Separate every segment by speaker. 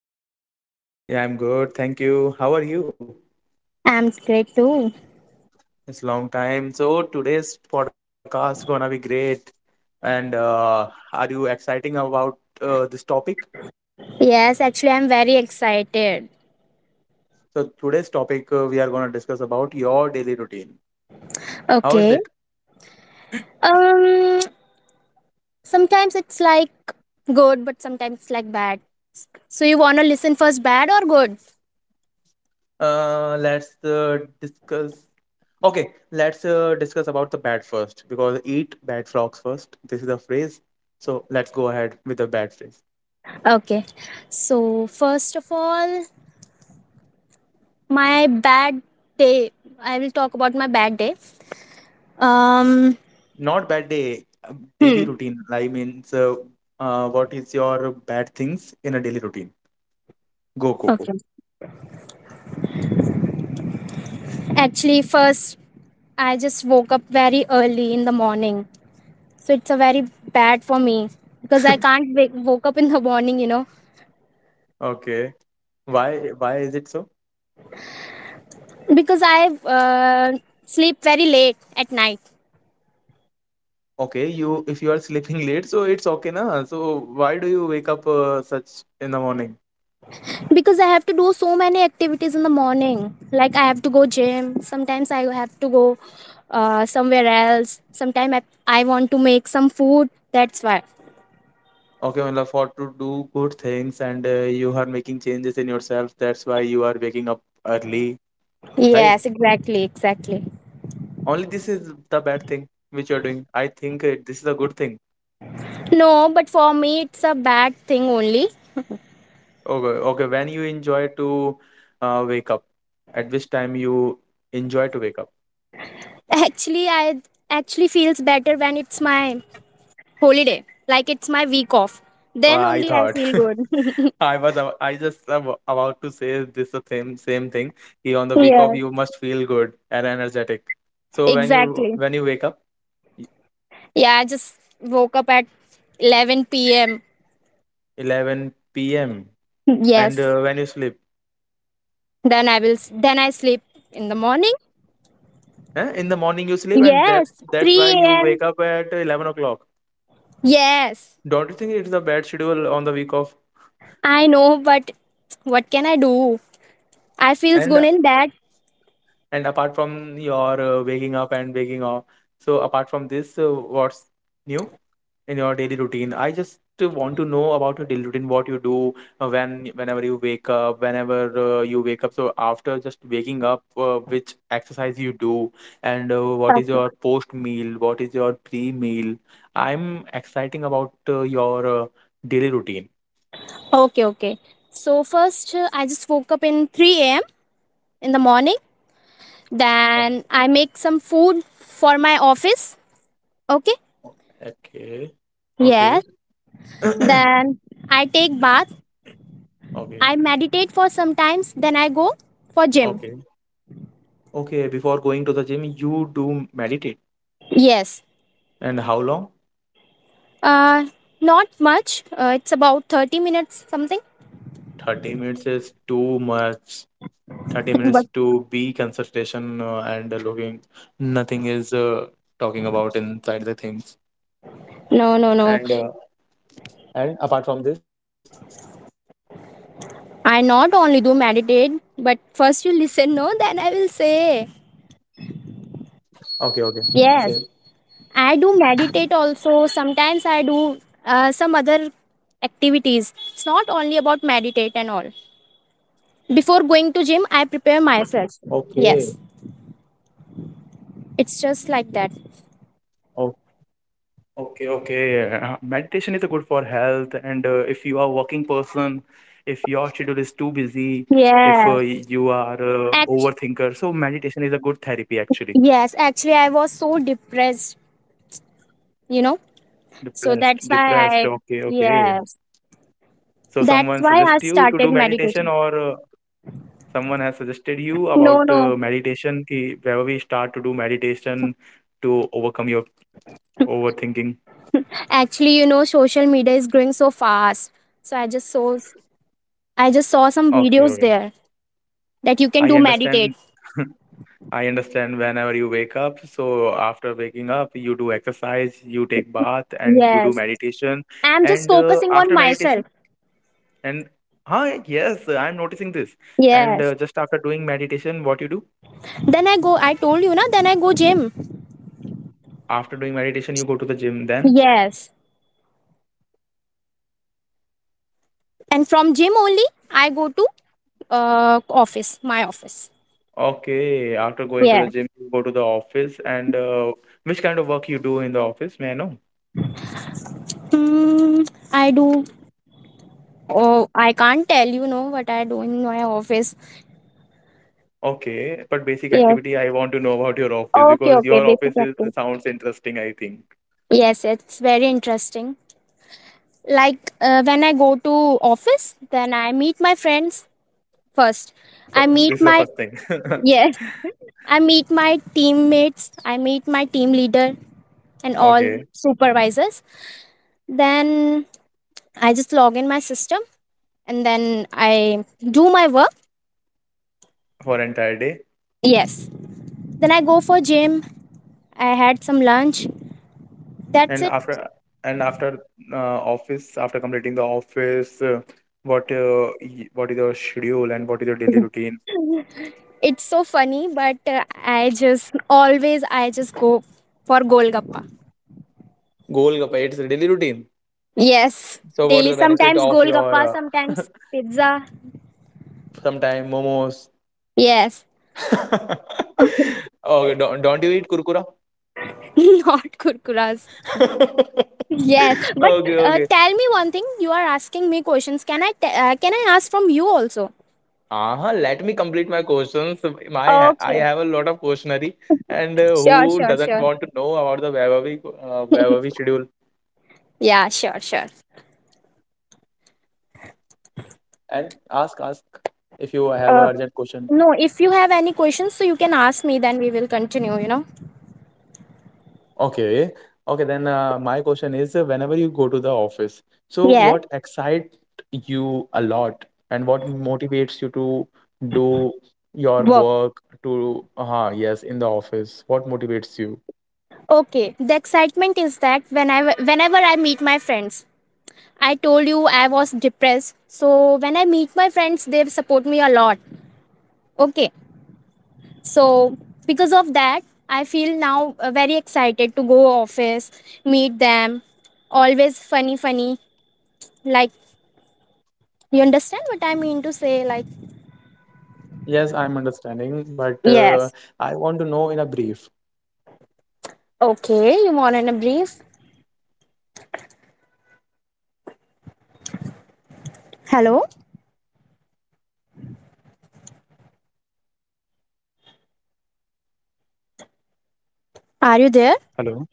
Speaker 1: are you?
Speaker 2: Yeah, I'm good. Thank you. How are you?
Speaker 1: I'm great too.
Speaker 2: It's long time. So today's podcast gonna be great. And Are you exciting about this topic?
Speaker 1: Yes, actually, I'm very excited.
Speaker 2: So today's topic, we are gonna discuss about your daily routine. How
Speaker 1: Okay.
Speaker 2: is it?
Speaker 1: Um, Sometimes it's like good, but sometimes it's like bad. So you wanna listen first, bad or good?
Speaker 2: Let's discuss. Okay, let's discuss about the bad first, because eat bad frogs first. This is the phrase. So let's go ahead with the bad phrase.
Speaker 1: Okay. So first of all, my bad day. I will talk about my bad day. Um.
Speaker 2: Not bad day,
Speaker 1: Hmm.
Speaker 2: daily routine. I mean, so what is your bad things in a daily routine? Go, go,
Speaker 1: Okay.
Speaker 2: go.
Speaker 1: Actually, first I just woke up very early in the morning, so it's a very bad for me because I can't wake woke up in the morning.
Speaker 2: Okay. Why is it so?
Speaker 1: Because I sleep very late at night
Speaker 2: Okay, you if you are sleeping late, so it's okay na. So why do you wake up such in the morning?
Speaker 1: because I have to do so many activities in the morning. Like I have to go gym. Sometimes I have to go somewhere else. Sometimes I want to make some food. That's why.
Speaker 2: Okay, well, for to do good things and you are making changes in yourself. That's why you are waking up early, right?
Speaker 1: Yes, exactly, exactly.
Speaker 2: Only this is the bad thing which you are doing. I think this is a good thing.
Speaker 1: No, but for me it's a bad thing only.
Speaker 2: Okay, okay. When you enjoy to wake up, at which time you enjoy to wake up?
Speaker 1: Actually, I actually feels better when it's my holiday. Like it's my week off. Then
Speaker 2: I
Speaker 1: only I
Speaker 2: thought
Speaker 1: feel good.
Speaker 2: I just about to say this the same thing. Ki on the week off
Speaker 1: Yeah,
Speaker 2: you must feel good and energetic. So when you
Speaker 1: exactly.
Speaker 2: when you wake up, y-
Speaker 1: Yeah, I just woke up at 11 p.m.
Speaker 2: 11 p.m. And
Speaker 1: Yes.
Speaker 2: when you sleep,
Speaker 1: Then I sleep in the morning.
Speaker 2: eh? In the morning you sleep, and that's
Speaker 1: Yes,
Speaker 2: that's why
Speaker 1: 3
Speaker 2: you
Speaker 1: a.m.
Speaker 2: wake up at 11 o'clock.
Speaker 1: Yes.
Speaker 2: Don't you think it's a bad schedule on the week off?
Speaker 1: I know, but what can I do? I feels good
Speaker 2: And
Speaker 1: in that.
Speaker 2: And apart from your waking up and waking up, so apart from this, what's new in your daily routine? I just want to know about your daily routine, what you do whenever you wake up, whenever you wake up. So after just waking up, which exercise you do, and what is your post meal, what is your pre meal? I'm exciting about your daily routine.
Speaker 1: Okay, okay. So first I just woke up in 3 a.m. in the morning.
Speaker 2: Okay.
Speaker 1: Then I make some food for my office. Okay?
Speaker 2: Okay.
Speaker 1: Yes.
Speaker 2: Okay.
Speaker 1: Then I take bath.
Speaker 2: Okay.
Speaker 1: I meditate for some times. Then I go for gym.
Speaker 2: Okay. Okay, before going to the gym, you do meditate.
Speaker 1: Yes.
Speaker 2: And how long?
Speaker 1: Uh, Not much. It's about 30 minutes something.
Speaker 2: 30 minutes is too much. 30 minutes
Speaker 1: But
Speaker 2: to be concentration and looking. Nothing is talking about inside the things.
Speaker 1: no, no, no.
Speaker 2: And uh, and apart from this,
Speaker 1: I not only do meditate, but first you listen, no? Then I will say.
Speaker 2: okay, okay. Same.
Speaker 1: Yes. I do meditate also. Sometimes I do some other activities. It's not only about meditate and all. Before going to gym, I prepare myself.
Speaker 2: Okay.
Speaker 1: Yes. It's just like that.
Speaker 2: o- Okay, okay. Meditation is good for health. And if you are a working person, if your schedule is too busy, if
Speaker 1: Yes.
Speaker 2: you are
Speaker 1: Act-
Speaker 2: overthinker, so meditation is a good therapy actually.
Speaker 1: yes, actually I was so depressed, you know. So
Speaker 2: Depressed,
Speaker 1: that's why I
Speaker 2: depressed. Okay, okay.
Speaker 1: yes.
Speaker 2: So
Speaker 1: That's
Speaker 2: someone
Speaker 1: why
Speaker 2: suggest
Speaker 1: I
Speaker 2: you to do
Speaker 1: started
Speaker 2: meditation,
Speaker 1: meditating.
Speaker 2: or someone has suggested you
Speaker 1: No,
Speaker 2: about
Speaker 1: no.
Speaker 2: meditation. Ki wherever we start to do meditation to overcome your overthinking.
Speaker 1: Actually, you know, social media is growing so fast. So I just saw some
Speaker 2: Okay,
Speaker 1: videos
Speaker 2: okay.
Speaker 1: there that you can do
Speaker 2: I
Speaker 1: meditate.
Speaker 2: understand. I understand. Whenever you wake up, so after waking up, you do exercise, you take bath, and you do
Speaker 1: Yes.
Speaker 2: meditation.
Speaker 1: I'm just
Speaker 2: And
Speaker 1: focusing on
Speaker 2: after meditation,
Speaker 1: myself.
Speaker 2: and huh, yes, I'm noticing this. And
Speaker 1: Yes.
Speaker 2: just after doing meditation, what you do?
Speaker 1: Then I go I told you na, then I go gym.
Speaker 2: After doing meditation, you go to the gym then?
Speaker 1: Yes. And from gym only I go to office, my office.
Speaker 2: Okay, after going to the
Speaker 1: Yeah.
Speaker 2: gym, you go to the office, and which kind of work you do in the office, may I know?
Speaker 1: Hmm. I do oh I can't tell you know what I do in my office.
Speaker 2: Okay, but basic
Speaker 1: Yes.
Speaker 2: activity, I want to know about your office,
Speaker 1: Okay,
Speaker 2: because
Speaker 1: okay,
Speaker 2: your office
Speaker 1: basic
Speaker 2: is
Speaker 1: activity.
Speaker 2: sounds interesting, I think.
Speaker 1: Yes, it's very interesting. Like when I go to office, then I meet my friends first.
Speaker 2: Fir-
Speaker 1: I
Speaker 2: This is the
Speaker 1: meet
Speaker 2: first
Speaker 1: my
Speaker 2: thing.
Speaker 1: Yes, I meet my teammates, I meet my team leader and all
Speaker 2: Okay,
Speaker 1: supervisors. Then I just log in my system and then I do my work.
Speaker 2: for entire day.
Speaker 1: Yes. Then I go for gym. I had some lunch. That's
Speaker 2: And
Speaker 1: it.
Speaker 2: after and after office, after completing the office, what is your schedule and what is your daily routine?
Speaker 1: It's so funny, but I just go for Golgappa.
Speaker 2: Goal, it's a daily routine.
Speaker 1: Yes.
Speaker 2: So what is
Speaker 1: Daily,
Speaker 2: the benefit
Speaker 1: sometimes
Speaker 2: of your
Speaker 1: golgappa, sometimes pizza.
Speaker 2: sometime momos?
Speaker 1: Yes.
Speaker 2: Okay, don't you eat kurkura?
Speaker 1: Not kurkuras. Yes. But
Speaker 2: Okay, okay.
Speaker 1: tell me one thing. You are asking me questions. Can I ask from you also?
Speaker 2: Uh-huh, let me complete my questions. My I
Speaker 1: Okay.
Speaker 2: have a lot of questionnaire, and
Speaker 1: Sure,
Speaker 2: who
Speaker 1: sure,
Speaker 2: doesn't
Speaker 1: sure.
Speaker 2: want to know about the Vaibhavi, Vaibhavi schedule?
Speaker 1: Yeah. Sure. Sure.
Speaker 2: And ask if you have
Speaker 1: Uh,
Speaker 2: an urgent question.
Speaker 1: No. If you have any questions, so you can ask me. Then we will continue.
Speaker 2: Okay. Okay, then my question is, whenever you go to the office, so
Speaker 1: Yeah.
Speaker 2: what excites you a lot, and what motivates you to do your
Speaker 1: Work.
Speaker 2: work to yes, in the office? What motivates you?
Speaker 1: Okay, the excitement is that whenever I meet my friends. I told you I was depressed, so when I meet my friends they support me a lot. Okay, so because of that, I feel now very excited to go office, meet them. Always funny, funny. Like you understand what I mean to say? Like
Speaker 2: Yes, I'm understanding, but
Speaker 1: yes.
Speaker 2: I want to know in a brief.
Speaker 1: Okay, you want in a brief? Hello, are you there?
Speaker 2: Hello.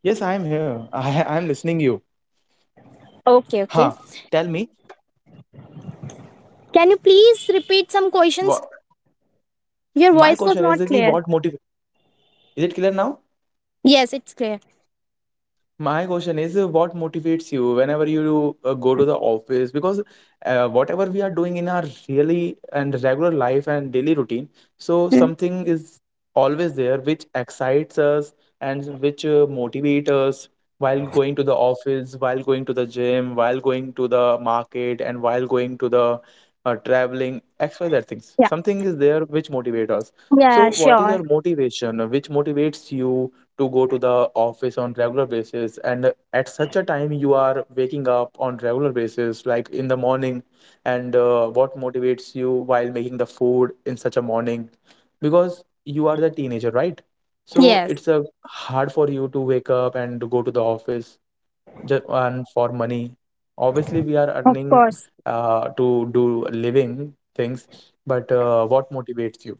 Speaker 2: Yes, I'm here. I'm listening you.
Speaker 1: Okay,
Speaker 2: Huh.
Speaker 1: okay.
Speaker 2: Tell me
Speaker 1: Can you please repeat some
Speaker 2: what
Speaker 1: questions?
Speaker 2: my
Speaker 1: Your
Speaker 2: question
Speaker 1: voice
Speaker 2: is
Speaker 1: was
Speaker 2: that ki
Speaker 1: not
Speaker 2: what
Speaker 1: clear.
Speaker 2: motiv is it clear now?
Speaker 1: Yes, it's clear.
Speaker 2: My question is, what motivates you whenever you go to the office? Because whatever we are doing in our really and regular life and daily routine, so
Speaker 1: Hmm.
Speaker 2: something is always there which excites us and which motivates us while going to the office, while going to the gym, while going to the market, and while going to the traveling, XYZ things.
Speaker 1: Yeah.
Speaker 2: Something is there which motivates us.
Speaker 1: Yeah,
Speaker 2: So, what is
Speaker 1: sure.
Speaker 2: your motivation? Which motivates you to go to the office on regular basis, and at such a time you are waking up on regular basis, like in the morning, and what motivates you while making the food in such a morning, because you are the teenager, right? So
Speaker 1: Yes,
Speaker 2: it's hard for you to wake up and go to the office just, and for money obviously we are
Speaker 1: of
Speaker 2: earning
Speaker 1: course.
Speaker 2: to do living things, but what motivates you?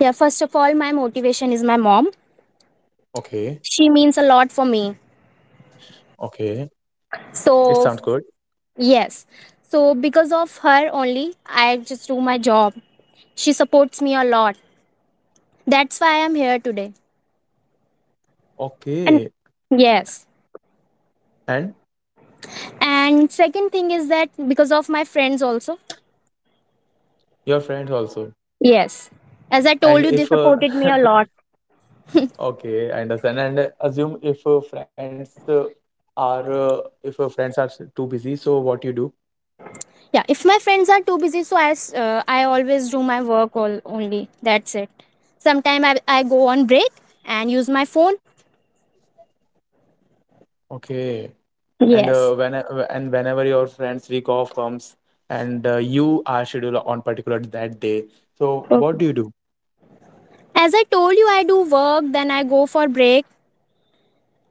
Speaker 1: Yeah, first of all, my motivation is my mom.
Speaker 2: Okay.
Speaker 1: She means a lot for me.
Speaker 2: Okay, it
Speaker 1: So
Speaker 2: sounds good.
Speaker 1: yes. So because of her only, I just do my job. She supports me a lot. That's why I'm here today. And
Speaker 2: Okay,
Speaker 1: yes.
Speaker 2: and
Speaker 1: And second thing is that because of my friends also.
Speaker 2: your friends also.
Speaker 1: Yes. As I
Speaker 2: And
Speaker 1: told you, they
Speaker 2: if
Speaker 1: supported me a lot.
Speaker 2: okay, I understand. And assume if friends are if friends are too busy, so what you do?
Speaker 1: Yeah. If my friends are too busy, so I always do my work all, only. That's it. Sometimes I go on break and use my phone.
Speaker 2: Okay. And
Speaker 1: Yes.
Speaker 2: when and whenever your friends week off comes, and you are scheduled on particular that day, so what
Speaker 1: Okay.
Speaker 2: do you do?
Speaker 1: As I told you, I do work, then I go for break.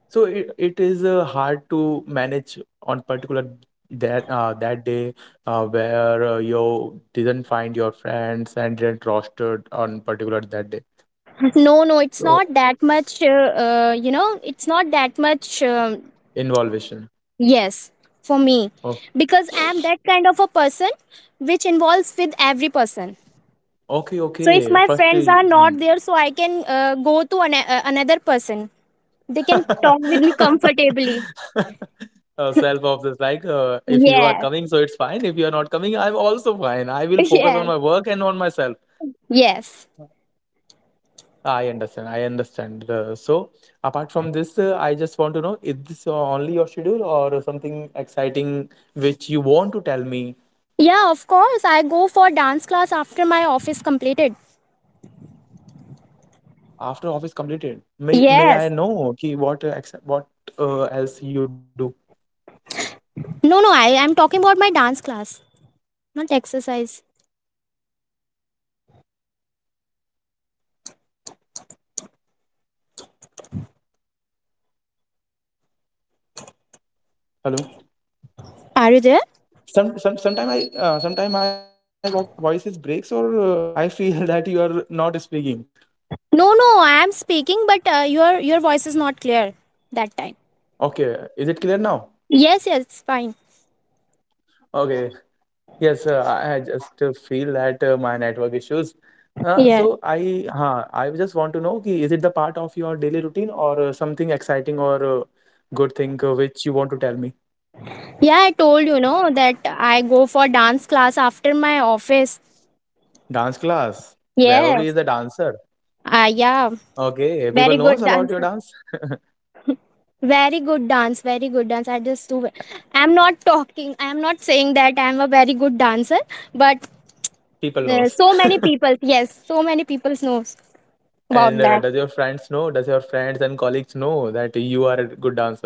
Speaker 2: So it is hard to manage on particular that that day, where you didn't find your friends and didn't rostered on particular that day.
Speaker 1: No, no, it's
Speaker 2: So
Speaker 1: not that much, you know, it's not that much,
Speaker 2: Involvation.
Speaker 1: yes, for me.
Speaker 2: Oh,
Speaker 1: Because I'm that kind of a person which involves with every person.
Speaker 2: okay,
Speaker 1: So if
Speaker 2: okay.
Speaker 1: my
Speaker 2: First,
Speaker 1: friends are
Speaker 2: you- hmm.
Speaker 1: not there, so I can go to another person. They can talk with me comfortably.
Speaker 2: Self-obsessed. Like, if you are
Speaker 1: Yes,
Speaker 2: coming, so it's fine. If you are not coming, I'm also fine. I will focus on
Speaker 1: yes,
Speaker 2: my work and on myself.
Speaker 1: yes.
Speaker 2: Ah, I understand. I understand. Apart from this, I just want to know: is this only your schedule, or something exciting which you want to tell me
Speaker 1: Yeah, of course, I go for dance class after my office completed.
Speaker 2: after office completed? May I know?
Speaker 1: Yes.
Speaker 2: Okay, what else you do?
Speaker 1: No, no, I am talking about my dance class, not exercise.
Speaker 2: Hello.
Speaker 1: Are you there?
Speaker 2: Some sometime I sometime my vo- voices breaks or I feel that you are not speaking.
Speaker 1: No, no, I am speaking, but your voice is not clear that time.
Speaker 2: Okay, is it clear now?
Speaker 1: Yes, yes, it's fine.
Speaker 2: Okay, yes, I just feel that my network issues, so I
Speaker 1: Yeah,
Speaker 2: huh, I just want to know ki, is it the part of your daily routine, or something exciting, or good thing which you want to tell me?
Speaker 1: yeah. I told you know that I go for dance class after my office.
Speaker 2: Dance class. Wherever is a
Speaker 1: Yes.
Speaker 2: dancer.
Speaker 1: Ah, yeah.
Speaker 2: Okay, people
Speaker 1: Very
Speaker 2: knows
Speaker 1: good
Speaker 2: about your
Speaker 1: dance.
Speaker 2: dance.
Speaker 1: Very good dance. Very good dance. I just do. I'm not talking. I'm not saying that I'm a very good dancer, but
Speaker 2: People knows.
Speaker 1: so many people. Yes, so many people knows
Speaker 2: And
Speaker 1: about
Speaker 2: does
Speaker 1: that.
Speaker 2: your friends know? Does your friends and colleagues know that you are a good dancer?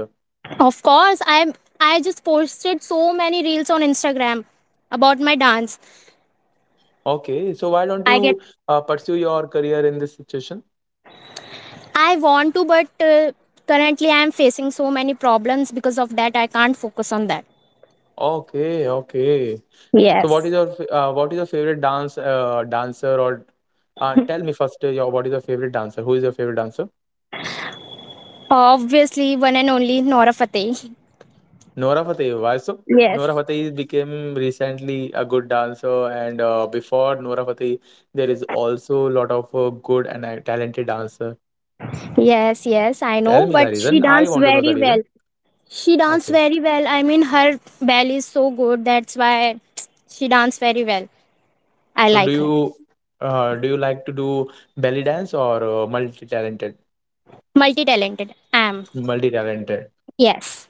Speaker 1: Of course, I'm. I just posted so many reels on Instagram about my dance.
Speaker 2: Okay, so why don't
Speaker 1: I
Speaker 2: you
Speaker 1: get
Speaker 2: pursue your career in this situation?
Speaker 1: I want to but currently I am facing so many problems because of that I can't focus on that.
Speaker 2: Okay, okay. So what
Speaker 1: Yes.
Speaker 2: is your what is your favorite dancer, or tell me first your what is your favorite dancer? Who is your favorite dancer?
Speaker 1: Obviously one and only Nora Fateh.
Speaker 2: Nora Fateh. Why so? Nora
Speaker 1: Yes.
Speaker 2: Fateh became recently a good dancer, and before Nora Fateh, there is also a lot of good and talented dancer.
Speaker 1: Yes, yes, I
Speaker 2: Tell
Speaker 1: know
Speaker 2: me the
Speaker 1: but
Speaker 2: reason.
Speaker 1: she
Speaker 2: I
Speaker 1: danced
Speaker 2: want to know the
Speaker 1: very
Speaker 2: reason.
Speaker 1: well. She danced
Speaker 2: Okay.
Speaker 1: very well. I mean her belly is so good that's why she danced very well. I
Speaker 2: So
Speaker 1: like her.
Speaker 2: do you like to do belly dance, or multi-talented?
Speaker 1: Multi talented. Am.
Speaker 2: Multi-talented.
Speaker 1: Yes.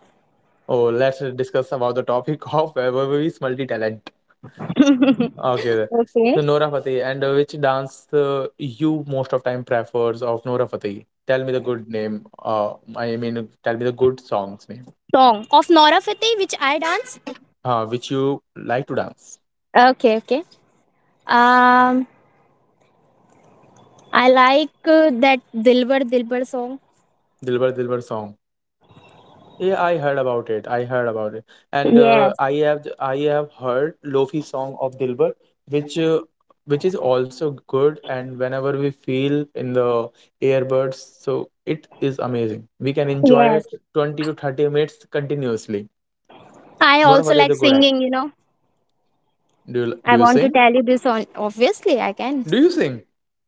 Speaker 2: Oh, let's discuss about the topic of whether is multi-talent.
Speaker 1: Okay.
Speaker 2: Okay. So Nora Fateh, and which dance you most of time prefers of Nora Fateh? Tell me the good name. I mean, tell me the good songs name.
Speaker 1: Song of Nora Fateh which I dance.
Speaker 2: Which you like to dance.
Speaker 1: Okay, okay. Um I like that Dilbar Dilbar song.
Speaker 2: Dilbar Dilbar song. Yeah, I heard about it. I heard about it, and
Speaker 1: Yes,
Speaker 2: I have heard Lofi song of Dilbar, which uh, which is also good. And whenever we feel in the earbuds, so it is amazing. We can enjoy
Speaker 1: yes.
Speaker 2: 20 to 30 minutes continuously.
Speaker 1: I
Speaker 2: Nora
Speaker 1: also
Speaker 2: Fateh is a
Speaker 1: like
Speaker 2: good at.
Speaker 1: singing, you know.
Speaker 2: Do you do
Speaker 1: I
Speaker 2: you
Speaker 1: want to
Speaker 2: sing?
Speaker 1: tell you this on obviously I can.
Speaker 2: Do you sing?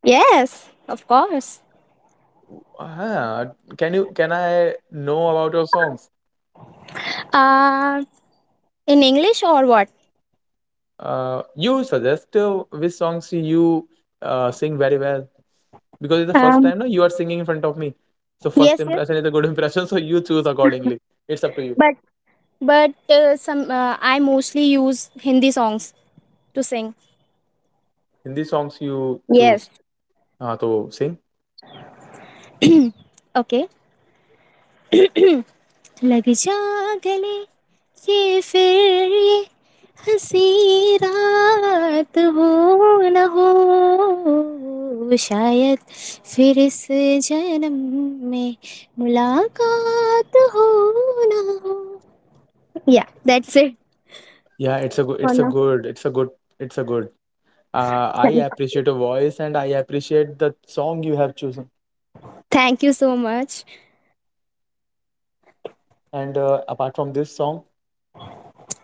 Speaker 1: Yes, of course.
Speaker 2: Ah, can I know about your songs?
Speaker 1: Uh in English or what?
Speaker 2: You suggest which songs you sing very well, because it's the first
Speaker 1: Um
Speaker 2: time now you are singing in front of me. So first
Speaker 1: yes, yes.
Speaker 2: impression is a good impression. So you choose accordingly. It's up to you.
Speaker 1: But but some I mostly use Hindi songs to sing.
Speaker 2: Hindi songs you choose.
Speaker 1: Yes.
Speaker 2: So sing.
Speaker 1: Okay. लग जा गले ये फिर ये हंसी रात हो न हो शायद फिर इस जन्म में मुलाकात हो ना हो या that's it
Speaker 2: Yeah, it's a good.
Speaker 1: for
Speaker 2: It's a
Speaker 1: now.
Speaker 2: good. It's a good. It's a good. I appreciate your voice, and I appreciate the song you have chosen.
Speaker 1: Thank you so much.
Speaker 2: And apart from this song,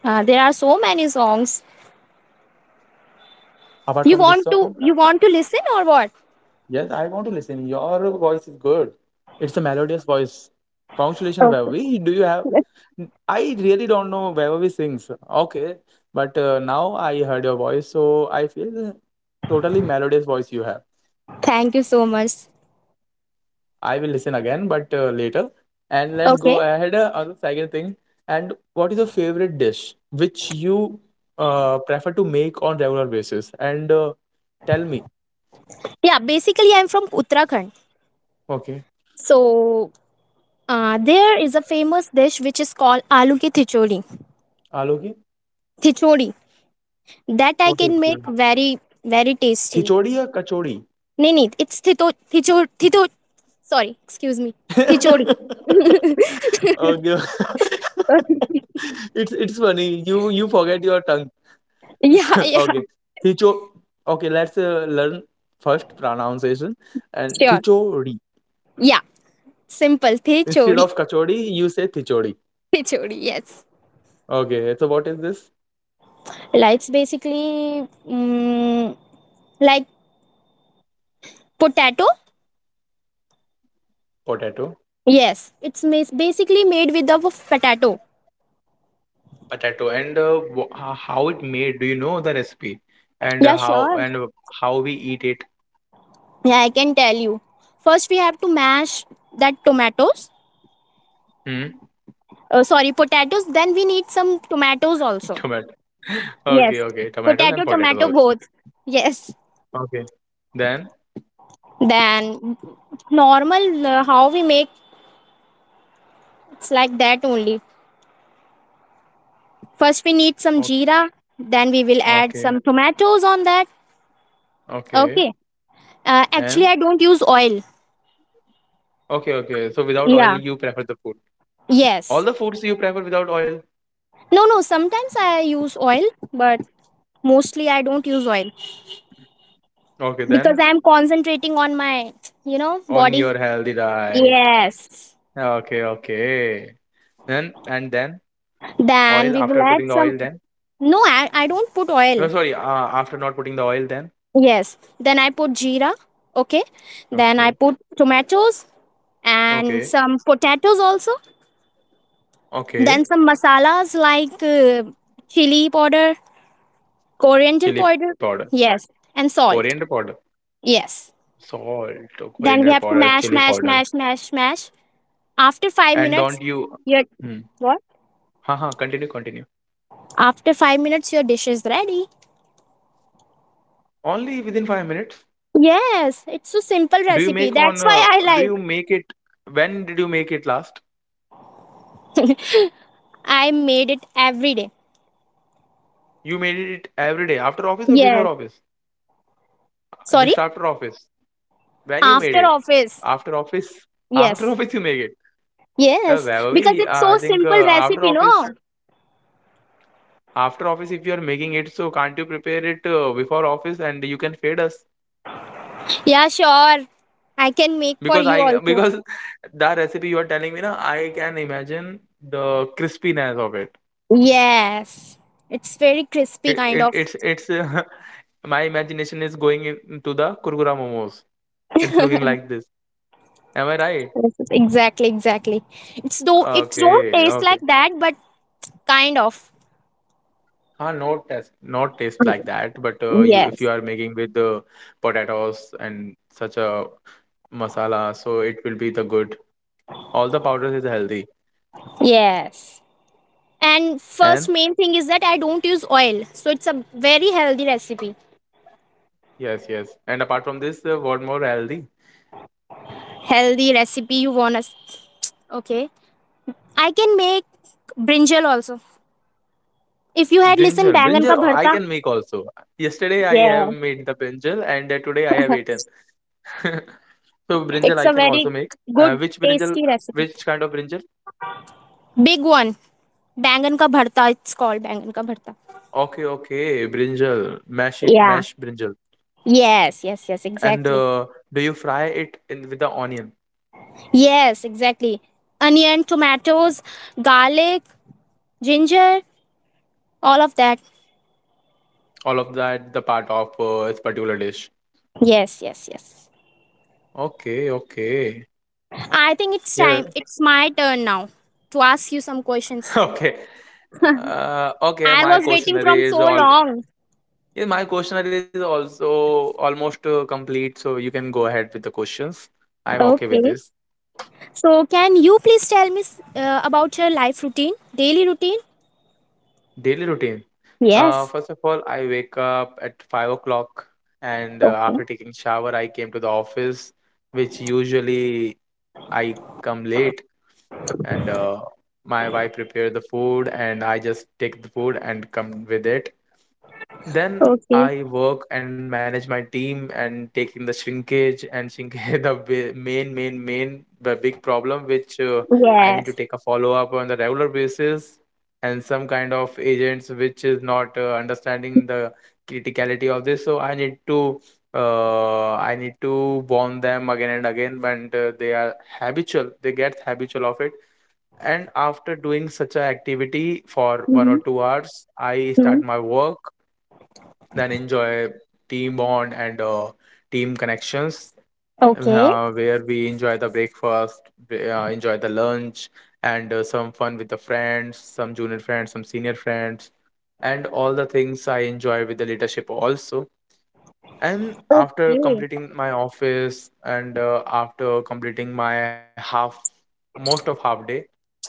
Speaker 1: There are so many songs
Speaker 2: apart
Speaker 1: you
Speaker 2: from this
Speaker 1: want to
Speaker 2: song,
Speaker 1: you want to listen or what.
Speaker 2: yes, I want to listen. Your voice is good. It's a melodious voice. Congratulations,
Speaker 1: Okay,
Speaker 2: Vaibhavi. Do you have? I really don't know Vaibhavi sings. Okay, but now I heard your voice, so I feel totally melodious voice you have.
Speaker 1: thank you so much.
Speaker 2: I will listen again, but later. And let's go
Speaker 1: Okay.
Speaker 2: ahead on the second thing. And what is your favorite dish which you prefer to make on regular basis? And tell me.
Speaker 1: Yeah, basically I'm from Uttarakhand,
Speaker 2: Okay,
Speaker 1: so there is a famous dish which is called aloo ki thichodi.
Speaker 2: Aloki,
Speaker 1: Thichodi, that I
Speaker 2: what
Speaker 1: can
Speaker 2: is
Speaker 1: make
Speaker 2: this?
Speaker 1: very very tasty.
Speaker 2: Thichodi or kachodi?
Speaker 1: No, no, it's thito. Sorry, excuse me. Thichodi.
Speaker 2: Oh, no. It's funny. You forget your tongue.
Speaker 1: Yeah, yeah,
Speaker 2: Okay. Thicho. Okay, let's learn first pronunciation and
Speaker 1: sure.
Speaker 2: thichori.
Speaker 1: Yeah, simple
Speaker 2: Instead
Speaker 1: thichodi.
Speaker 2: of kachori, you say thichori.
Speaker 1: Thichodi, yes.
Speaker 2: Okay. So what is this?
Speaker 1: Like it's basically like potato.
Speaker 2: Potato.
Speaker 1: Yes, basically made with the potato.
Speaker 2: Potato and how it made? Do you know the recipe? And
Speaker 1: Yeah, sure.
Speaker 2: and uh, how we eat it?
Speaker 1: Yeah, I can tell you. First, we have to mash that tomatoes.
Speaker 2: Hmm?
Speaker 1: Sorry, potatoes. Then we need some tomatoes also.
Speaker 2: Tomato. Okay,
Speaker 1: Yes.
Speaker 2: okay. Tomatoes and
Speaker 1: Potato,
Speaker 2: potatoes
Speaker 1: tomato,
Speaker 2: also.
Speaker 1: both. Yes.
Speaker 2: Okay. Then
Speaker 1: Then normal how we make it's like that only. First, we need some
Speaker 2: okay,
Speaker 1: jeera. Then we will add
Speaker 2: okay.
Speaker 1: some tomatoes on that.
Speaker 2: Okay.
Speaker 1: Okay. Actually,
Speaker 2: And
Speaker 1: I don't use oil.
Speaker 2: okay, okay. So without oil,
Speaker 1: Yeah.
Speaker 2: you prefer the food. All
Speaker 1: Yes.
Speaker 2: the foods you prefer without oil.
Speaker 1: No, no. Sometimes I use oil, but mostly I don't use oil.
Speaker 2: Okay,
Speaker 1: Because
Speaker 2: then
Speaker 1: I'm concentrating on my, you know,
Speaker 2: on
Speaker 1: body.
Speaker 2: your healthy diet.
Speaker 1: Yes.
Speaker 2: Okay, okay. Then and then
Speaker 1: Then
Speaker 2: oil
Speaker 1: we will
Speaker 2: after
Speaker 1: add
Speaker 2: putting the
Speaker 1: some.
Speaker 2: oil then.
Speaker 1: No, I don't put oil.
Speaker 2: No, sorry. After not putting the oil then.
Speaker 1: Yes. Then I put jeera. Okay. Then I
Speaker 2: Okay,
Speaker 1: put tomatoes and
Speaker 2: okay,
Speaker 1: some potatoes also.
Speaker 2: okay.
Speaker 1: Then some masalas like chili powder, coriander
Speaker 2: Chili powder,
Speaker 1: powder. Yes. And
Speaker 2: coriander powder,
Speaker 1: salt. Yes.
Speaker 2: salt, coriander
Speaker 1: Then we
Speaker 2: powder,
Speaker 1: have to
Speaker 2: chili
Speaker 1: mash,
Speaker 2: powder.
Speaker 1: mash, mash, mash, mash. After five
Speaker 2: And don't
Speaker 1: minutes,
Speaker 2: you?
Speaker 1: your
Speaker 2: Hmm.
Speaker 1: what?
Speaker 2: Ha ha. Continue, continue.
Speaker 1: After 5 minutes, your dish is ready.
Speaker 2: Only within 5 minutes.
Speaker 1: Yes, it's a simple
Speaker 2: Do you
Speaker 1: recipe.
Speaker 2: make
Speaker 1: That's
Speaker 2: on?
Speaker 1: why I
Speaker 2: Do
Speaker 1: like.
Speaker 2: you make it? When did you make it last?
Speaker 1: I made it every day.
Speaker 2: You made it every day after office or before
Speaker 1: Yes.
Speaker 2: office?
Speaker 1: Sorry,
Speaker 2: Just after office. When you made
Speaker 1: after
Speaker 2: it?
Speaker 1: office.
Speaker 2: After office? After
Speaker 1: Yes.
Speaker 2: office you make it.
Speaker 1: Yes, because it's so
Speaker 2: I think
Speaker 1: simple recipe, no?
Speaker 2: after office if you are making it, so can't you prepare it before office and you can feed us?
Speaker 1: Yeah, sure. I can make for
Speaker 2: Because
Speaker 1: you
Speaker 2: I
Speaker 1: also.
Speaker 2: because that recipe you are telling me na I can imagine the crispiness of it.
Speaker 1: Yes. It's very crispy
Speaker 2: It,
Speaker 1: kind
Speaker 2: it
Speaker 1: of
Speaker 2: it's my imagination is going into the kurkura momos. It's looking like this. Am I right?
Speaker 1: recipe. Exactly, exactly. It's though it don't
Speaker 2: Okay,
Speaker 1: taste like
Speaker 2: okay.
Speaker 1: that, but kind of.
Speaker 2: Huh, not taste, not taste like that. But you, if
Speaker 1: Yes.
Speaker 2: you are making with the potatoes and such a masala, so it will be the good. All the powders is healthy.
Speaker 1: Yes. And first
Speaker 2: And
Speaker 1: main thing is that I don't use oil. So it's a very healthy recipe.
Speaker 2: yes, yes. And apart from this, what more healthy?
Speaker 1: Healthy recipe you want us. Okay. I can make brinjal also. If you had listened
Speaker 2: Brinjal,
Speaker 1: bangan ka
Speaker 2: brinjal. I
Speaker 1: bharta,
Speaker 2: can make also. Yesterday I
Speaker 1: yeah,
Speaker 2: have made the brinjal, and today I have eaten. So brinjal
Speaker 1: it's
Speaker 2: I
Speaker 1: a
Speaker 2: can
Speaker 1: very
Speaker 2: also make.
Speaker 1: good
Speaker 2: Which brinjal?
Speaker 1: tasty recipe.
Speaker 2: Which kind of brinjal?
Speaker 1: Big one, bangan ka bharta. It's called bangan ka bharta.
Speaker 2: Okay, okay. Brinjal, mash,
Speaker 1: Yeah.
Speaker 2: mash brinjal.
Speaker 1: Yes. Yes. Yes.
Speaker 2: And
Speaker 1: Exactly.
Speaker 2: do you fry it in with the onion?
Speaker 1: Yes. Exactly. Onion, tomatoes, garlic, ginger, all of that.
Speaker 2: All of that the part of this particular dish.
Speaker 1: Yes. Yes. Yes.
Speaker 2: Okay, okay,
Speaker 1: I think it's
Speaker 2: yeah.
Speaker 1: time. It's my turn now to ask you some questions.
Speaker 2: Okay, okay,
Speaker 1: I
Speaker 2: my
Speaker 1: was waiting
Speaker 2: questionnaire
Speaker 1: from
Speaker 2: is
Speaker 1: so
Speaker 2: all.
Speaker 1: long.
Speaker 2: Yeah, my questionnaire is also almost complete, so you can go ahead with the questions. I'm okay with
Speaker 1: Okay.
Speaker 2: this.
Speaker 1: So, can you please tell me about your life routine, daily routine?
Speaker 2: Daily routine.
Speaker 1: Yes.
Speaker 2: First of all, I wake up at 5 o'clock, and after
Speaker 1: Okay.
Speaker 2: taking shower, I came to the office, which usually I come late. And my wife prepare the food, and I just take the food and come with it. Then
Speaker 1: Okay.
Speaker 2: I work and manage my team and taking the shrinkage and shrinkage the main the big problem which I need to
Speaker 1: Yes.
Speaker 2: take a follow up on the regular basis. And some kind of agents which is not understanding the criticality of this, so I need to I need to warn them again and again, but they are habitual. They get habitual of it, and after doing such a activity for one or
Speaker 1: Mm-hmm.
Speaker 2: two hours, I
Speaker 1: Hmm.
Speaker 2: start my work, then enjoy team bond and team connections,
Speaker 1: Okay.
Speaker 2: where we enjoy the breakfast, we, enjoy the lunch, and some fun with the friends, some junior friends, some senior friends, and all the things I enjoy with the leadership also. And after
Speaker 1: Okay.
Speaker 2: completing my office and after completing my half, most of half day,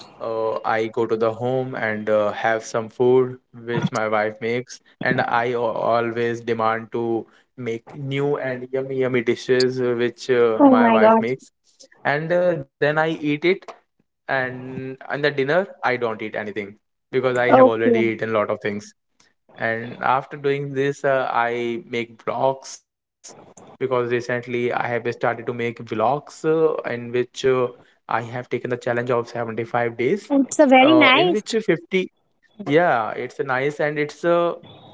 Speaker 2: I go to the home and have some food which my wife makes, and always demand to make new and yummy yummy dishes which
Speaker 1: Oh
Speaker 2: my
Speaker 1: my
Speaker 2: wife
Speaker 1: God.
Speaker 2: makes, and then I eat it. And the dinner, I don't eat anything because I have already
Speaker 1: Okay.
Speaker 2: eaten a lot of things. And after doing this, I make vlogs because recently I have started to make vlogs in which I have taken the challenge of 75 days,
Speaker 1: It's a very
Speaker 2: in
Speaker 1: nice.
Speaker 2: which 50, yeah, it's a nice, and it's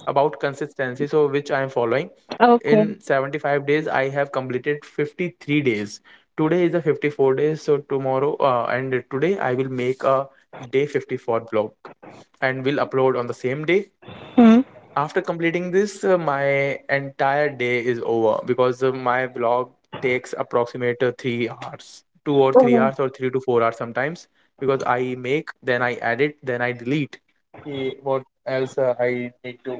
Speaker 2: about consistency. So, which I am following.
Speaker 1: Okay.
Speaker 2: In 75 days, I have completed 53 days. Today is the 54 days. So, tomorrow and today I will make a day 54 vlog and will upload on the same day.
Speaker 1: Hmm.
Speaker 2: After completing this, my entire day is over because my blog takes approximate 3 hours, 2 or 3
Speaker 1: Oh,
Speaker 2: hours or 3 to 4 hours sometimes because I make, then I edit, then I delete. Eh, what else I need to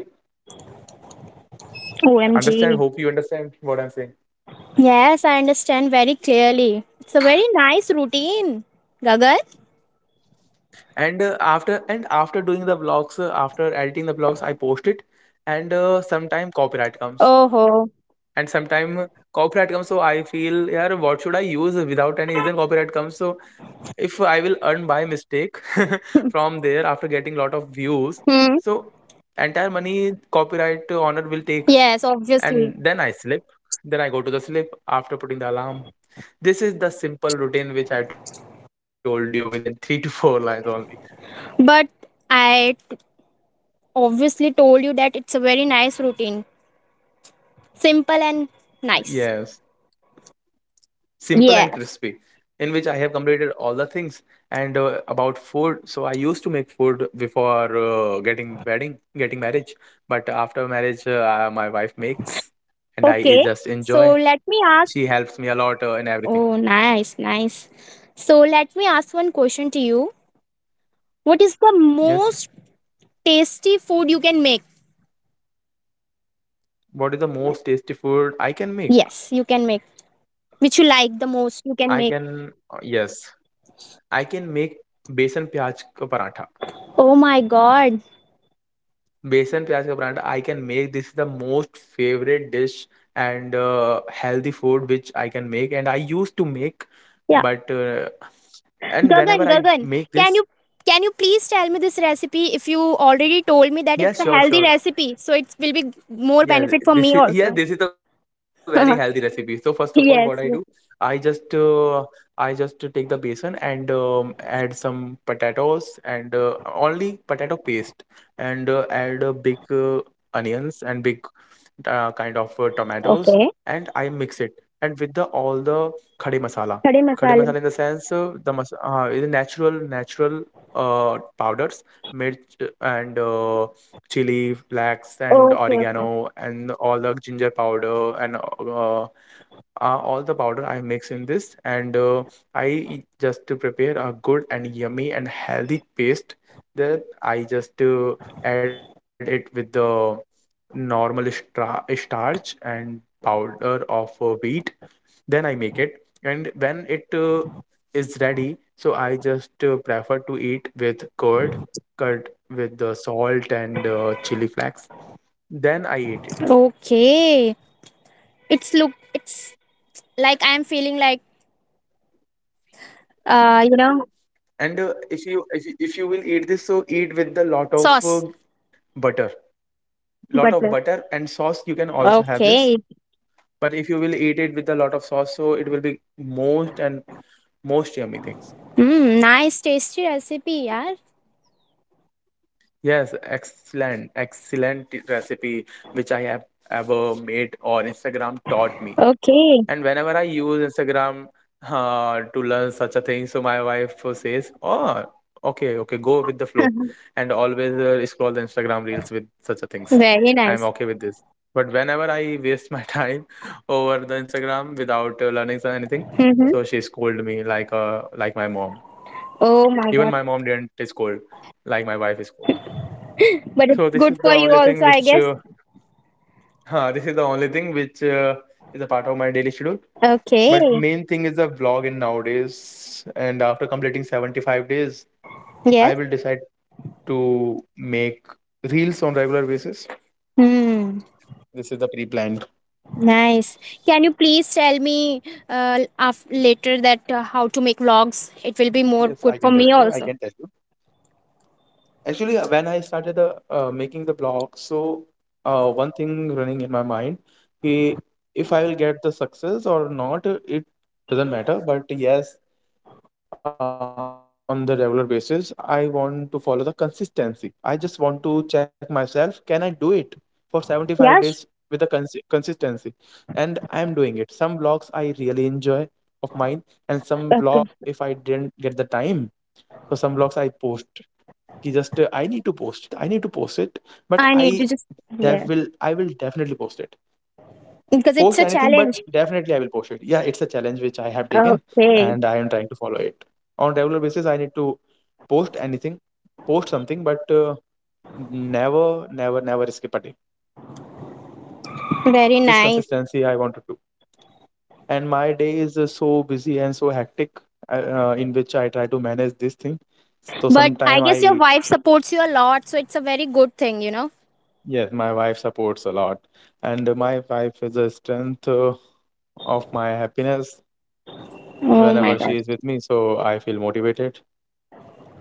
Speaker 1: OMG.
Speaker 2: understand? Hope you understand what I'm saying.
Speaker 1: Yes, I understand very clearly. It's a very nice routine, Gagan.
Speaker 2: And after doing the blogs, after editing the blogs, I post it, and sometime copyright comes
Speaker 1: Oh. Ho.
Speaker 2: and sometime copyright comes, so I feel, yeah, what should I use? Without any reason, copyright comes. So if I will earn by mistake, from there, after getting lot of views,
Speaker 1: Hmm.
Speaker 2: so entire money copyright owner will take,
Speaker 1: Yes,
Speaker 2: and
Speaker 1: obviously.
Speaker 2: then I sleep. Then I go to the sleep after putting the alarm. This is the simple routine which I told you within 3 to 4 lines only.
Speaker 1: But I obviously told you that it's a very nice routine. Simple and
Speaker 2: Yes,
Speaker 1: nice.
Speaker 2: simple and
Speaker 1: Yes.
Speaker 2: crispy, in which I have completed all the things. And about food, so I used to make food before getting wedding, getting marriage. But after marriage, my wife makes, and
Speaker 1: Okay.
Speaker 2: I just
Speaker 1: So
Speaker 2: enjoy.
Speaker 1: let me ask.
Speaker 2: She helps me a lot in
Speaker 1: Oh,
Speaker 2: everything.
Speaker 1: nice, nice. So let me ask one question to you. What is the most
Speaker 2: Yes.
Speaker 1: tasty food you can make?
Speaker 2: What is the most tasty food I can make?
Speaker 1: Yes, you can make. Which you like the most, you can
Speaker 2: I
Speaker 1: make.
Speaker 2: can, yes, I can make besan pyaj ka paratha.
Speaker 1: Oh my god.
Speaker 2: Besan pyaj ka paratha, I can make. This is the most favorite dish and healthy food which I can make, and I used to make,
Speaker 1: Yeah.
Speaker 2: but and
Speaker 1: Gagan,
Speaker 2: whenever
Speaker 1: Gagan,
Speaker 2: I
Speaker 1: can
Speaker 2: make
Speaker 1: you
Speaker 2: this,
Speaker 1: can you please tell me this recipe if you already told me that it's a healthy
Speaker 2: yes, sure,
Speaker 1: recipe,
Speaker 2: sure.
Speaker 1: so it will be more benefit for me
Speaker 2: Yeah, th-
Speaker 1: also.
Speaker 2: this is yeah, this is a very healthy recipe. So first of all,
Speaker 1: Yes,
Speaker 2: what I
Speaker 1: yes.
Speaker 2: do, I just uh, I just take the besan, and add some potatoes and only potato paste, and add a big onions and big kind of tomatoes,
Speaker 1: Okay.
Speaker 2: and I mix it and with the all the khade masala.
Speaker 1: Khade
Speaker 2: Khade
Speaker 1: masale.
Speaker 2: masala in the sense the mas is a natural natural powders mirch and chili flakes and
Speaker 1: Okay. Okay.
Speaker 2: oregano and all the ginger powder and uh, all the powder I mix in this, and just to prepare a good and yummy and healthy paste. Then I just add it with the normal starch and powder of wheat. Then I make it, and when it is ready, so I just prefer to eat with curd, curd with the salt and chili flakes. Then I eat it.
Speaker 1: Okay. It's look it's like I'm feeling like you know
Speaker 2: And if you will eat this, so eat with the lot of
Speaker 1: sauce
Speaker 2: butter, lot of
Speaker 1: butter.
Speaker 2: butter and sauce. You can also have
Speaker 1: Okay.
Speaker 2: this, but if you will eat it with a lot of sauce, so it will be most and most yummy things.
Speaker 1: Mm, nice tasty recipe, yeah.
Speaker 2: Yes, excellent, excellent recipe which I have ever made or Instagram taught me.
Speaker 1: Okay.
Speaker 2: And whenever I use Instagram to learn such a thing, so my wife says, "Oh, okay, okay, go with the flow," and always scroll the Instagram reels with such a things.
Speaker 1: Very nice.
Speaker 2: I'm okay with this. But whenever I waste my time over the Instagram without anything,
Speaker 1: Mm-hmm.
Speaker 2: so she scolded me like my mom.
Speaker 1: Oh my god.
Speaker 2: Even my mom didn't scold like my wife is scold.
Speaker 1: But it's
Speaker 2: So
Speaker 1: good
Speaker 2: this is
Speaker 1: for
Speaker 2: the
Speaker 1: you
Speaker 2: only
Speaker 1: also, I
Speaker 2: thing
Speaker 1: guess.
Speaker 2: which this is the only thing which is a part of my daily schedule.
Speaker 1: Okay.
Speaker 2: But main thing is the vlog in nowadays. And after completing 75 days,
Speaker 1: Yes.
Speaker 2: I will decide to make reels on regular basis.
Speaker 1: Hmm.
Speaker 2: This is the pre-planned.
Speaker 1: Nice. Can you please tell me later that how to make vlogs? It will be more
Speaker 2: Yes,
Speaker 1: good
Speaker 2: I
Speaker 1: for
Speaker 2: can
Speaker 1: me
Speaker 2: tell you. I
Speaker 1: also.
Speaker 2: can tell you. Actually, when I started the making the blog, so one thing running in my mind, ki if I will get the success or not, it doesn't matter. But yes, I want to do it on the regular basis. I want to follow the consistency. I just want to check myself. Can I do it for 75
Speaker 1: Yes.
Speaker 2: days with the consistency? And I am doing it. Some blogs I really enjoy of mine, and some
Speaker 1: Okay.
Speaker 2: blog if I didn't get the time, so some blogs I post. कि Just I need to post it. I need to post it, but
Speaker 1: I need to just. Yeah,
Speaker 2: I will definitely post it,
Speaker 1: because it's
Speaker 2: post
Speaker 1: a
Speaker 2: anything, but
Speaker 1: challenge.
Speaker 2: definitely I will post it. Yeah, it's a challenge which I have taken,
Speaker 1: Okay,
Speaker 2: and I am trying to follow it. On regular basis, I need to post anything, post something, but never, never, never skip a day.
Speaker 1: very
Speaker 2: This
Speaker 1: nice.
Speaker 2: consistency I want to do. And my day is so busy and so hectic in which I try to manage this thing. So
Speaker 1: But I
Speaker 2: sometime
Speaker 1: guess your
Speaker 2: I,
Speaker 1: wife supports you a lot, so it's a very good thing, you know.
Speaker 2: yes, my wife supports a lot. And my wife is the strength of my happiness.
Speaker 1: Oh my
Speaker 2: Whenever
Speaker 1: god,
Speaker 2: she is with me, so I feel motivated.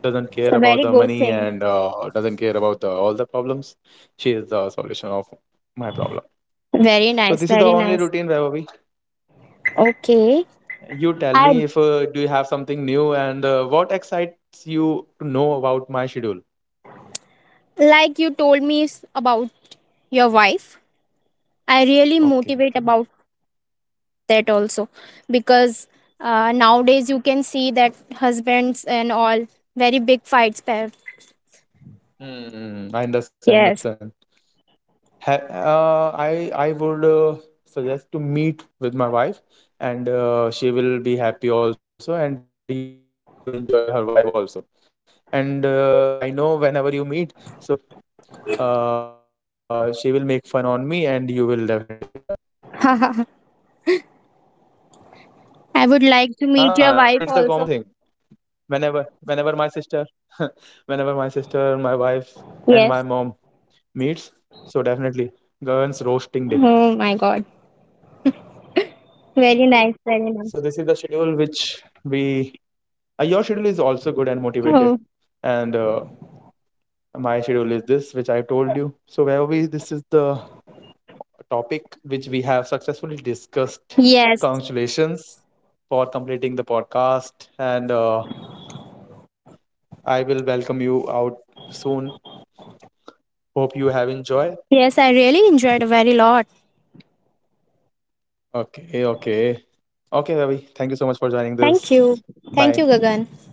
Speaker 2: Doesn't
Speaker 1: it's
Speaker 2: care
Speaker 1: a
Speaker 2: about
Speaker 1: very
Speaker 2: the
Speaker 1: good
Speaker 2: money
Speaker 1: thing.
Speaker 2: and doesn't care about the, all the problems. She is the solution of my problem.
Speaker 1: Very
Speaker 2: So
Speaker 1: nice,
Speaker 2: this is the
Speaker 1: very
Speaker 2: only
Speaker 1: nice.
Speaker 2: routine, Vaibhavi.
Speaker 1: Okay,
Speaker 2: You tell
Speaker 1: I
Speaker 2: me if do you have something new and what excites you to know about my schedule?
Speaker 1: like you told me about your wife. I really
Speaker 2: Okay,
Speaker 1: motivate
Speaker 2: okay.
Speaker 1: about that also because nowadays you can see that husbands and all very big fights. Pair.
Speaker 2: Hmm, I understand.
Speaker 1: Yes,
Speaker 2: Understand. I would suggest to meet with my wife, and she will be happy also, and you enjoy her vibe also. And I know whenever you meet, so she will make fun on me, and you will definitely enjoy
Speaker 1: I
Speaker 2: ah it, it's the common thing
Speaker 1: would like to meet your wife
Speaker 2: whenever
Speaker 1: also.
Speaker 2: whenever my sister whenever my sister my wife and my mom meets,
Speaker 1: Yes.
Speaker 2: so definitely govern's roasting day.
Speaker 1: Oh my god,
Speaker 2: So
Speaker 1: very
Speaker 2: this is
Speaker 1: nice,
Speaker 2: the
Speaker 1: very
Speaker 2: schedule
Speaker 1: nice.
Speaker 2: which we your schedule is also good and motivated,
Speaker 1: Oh,
Speaker 2: and my schedule is this which I told you. So wherever we this is the topic which we have successfully discussed.
Speaker 1: yes.
Speaker 2: Congratulations for completing the podcast, and I will welcome you out soon. Hope you have enjoyed.
Speaker 1: Yes, I really enjoyed a very lot.
Speaker 2: Okay, okay. Okay, Ravi. Thank you so much for joining this.
Speaker 1: Thank
Speaker 2: Bye.
Speaker 1: you. Thank you, Gagan.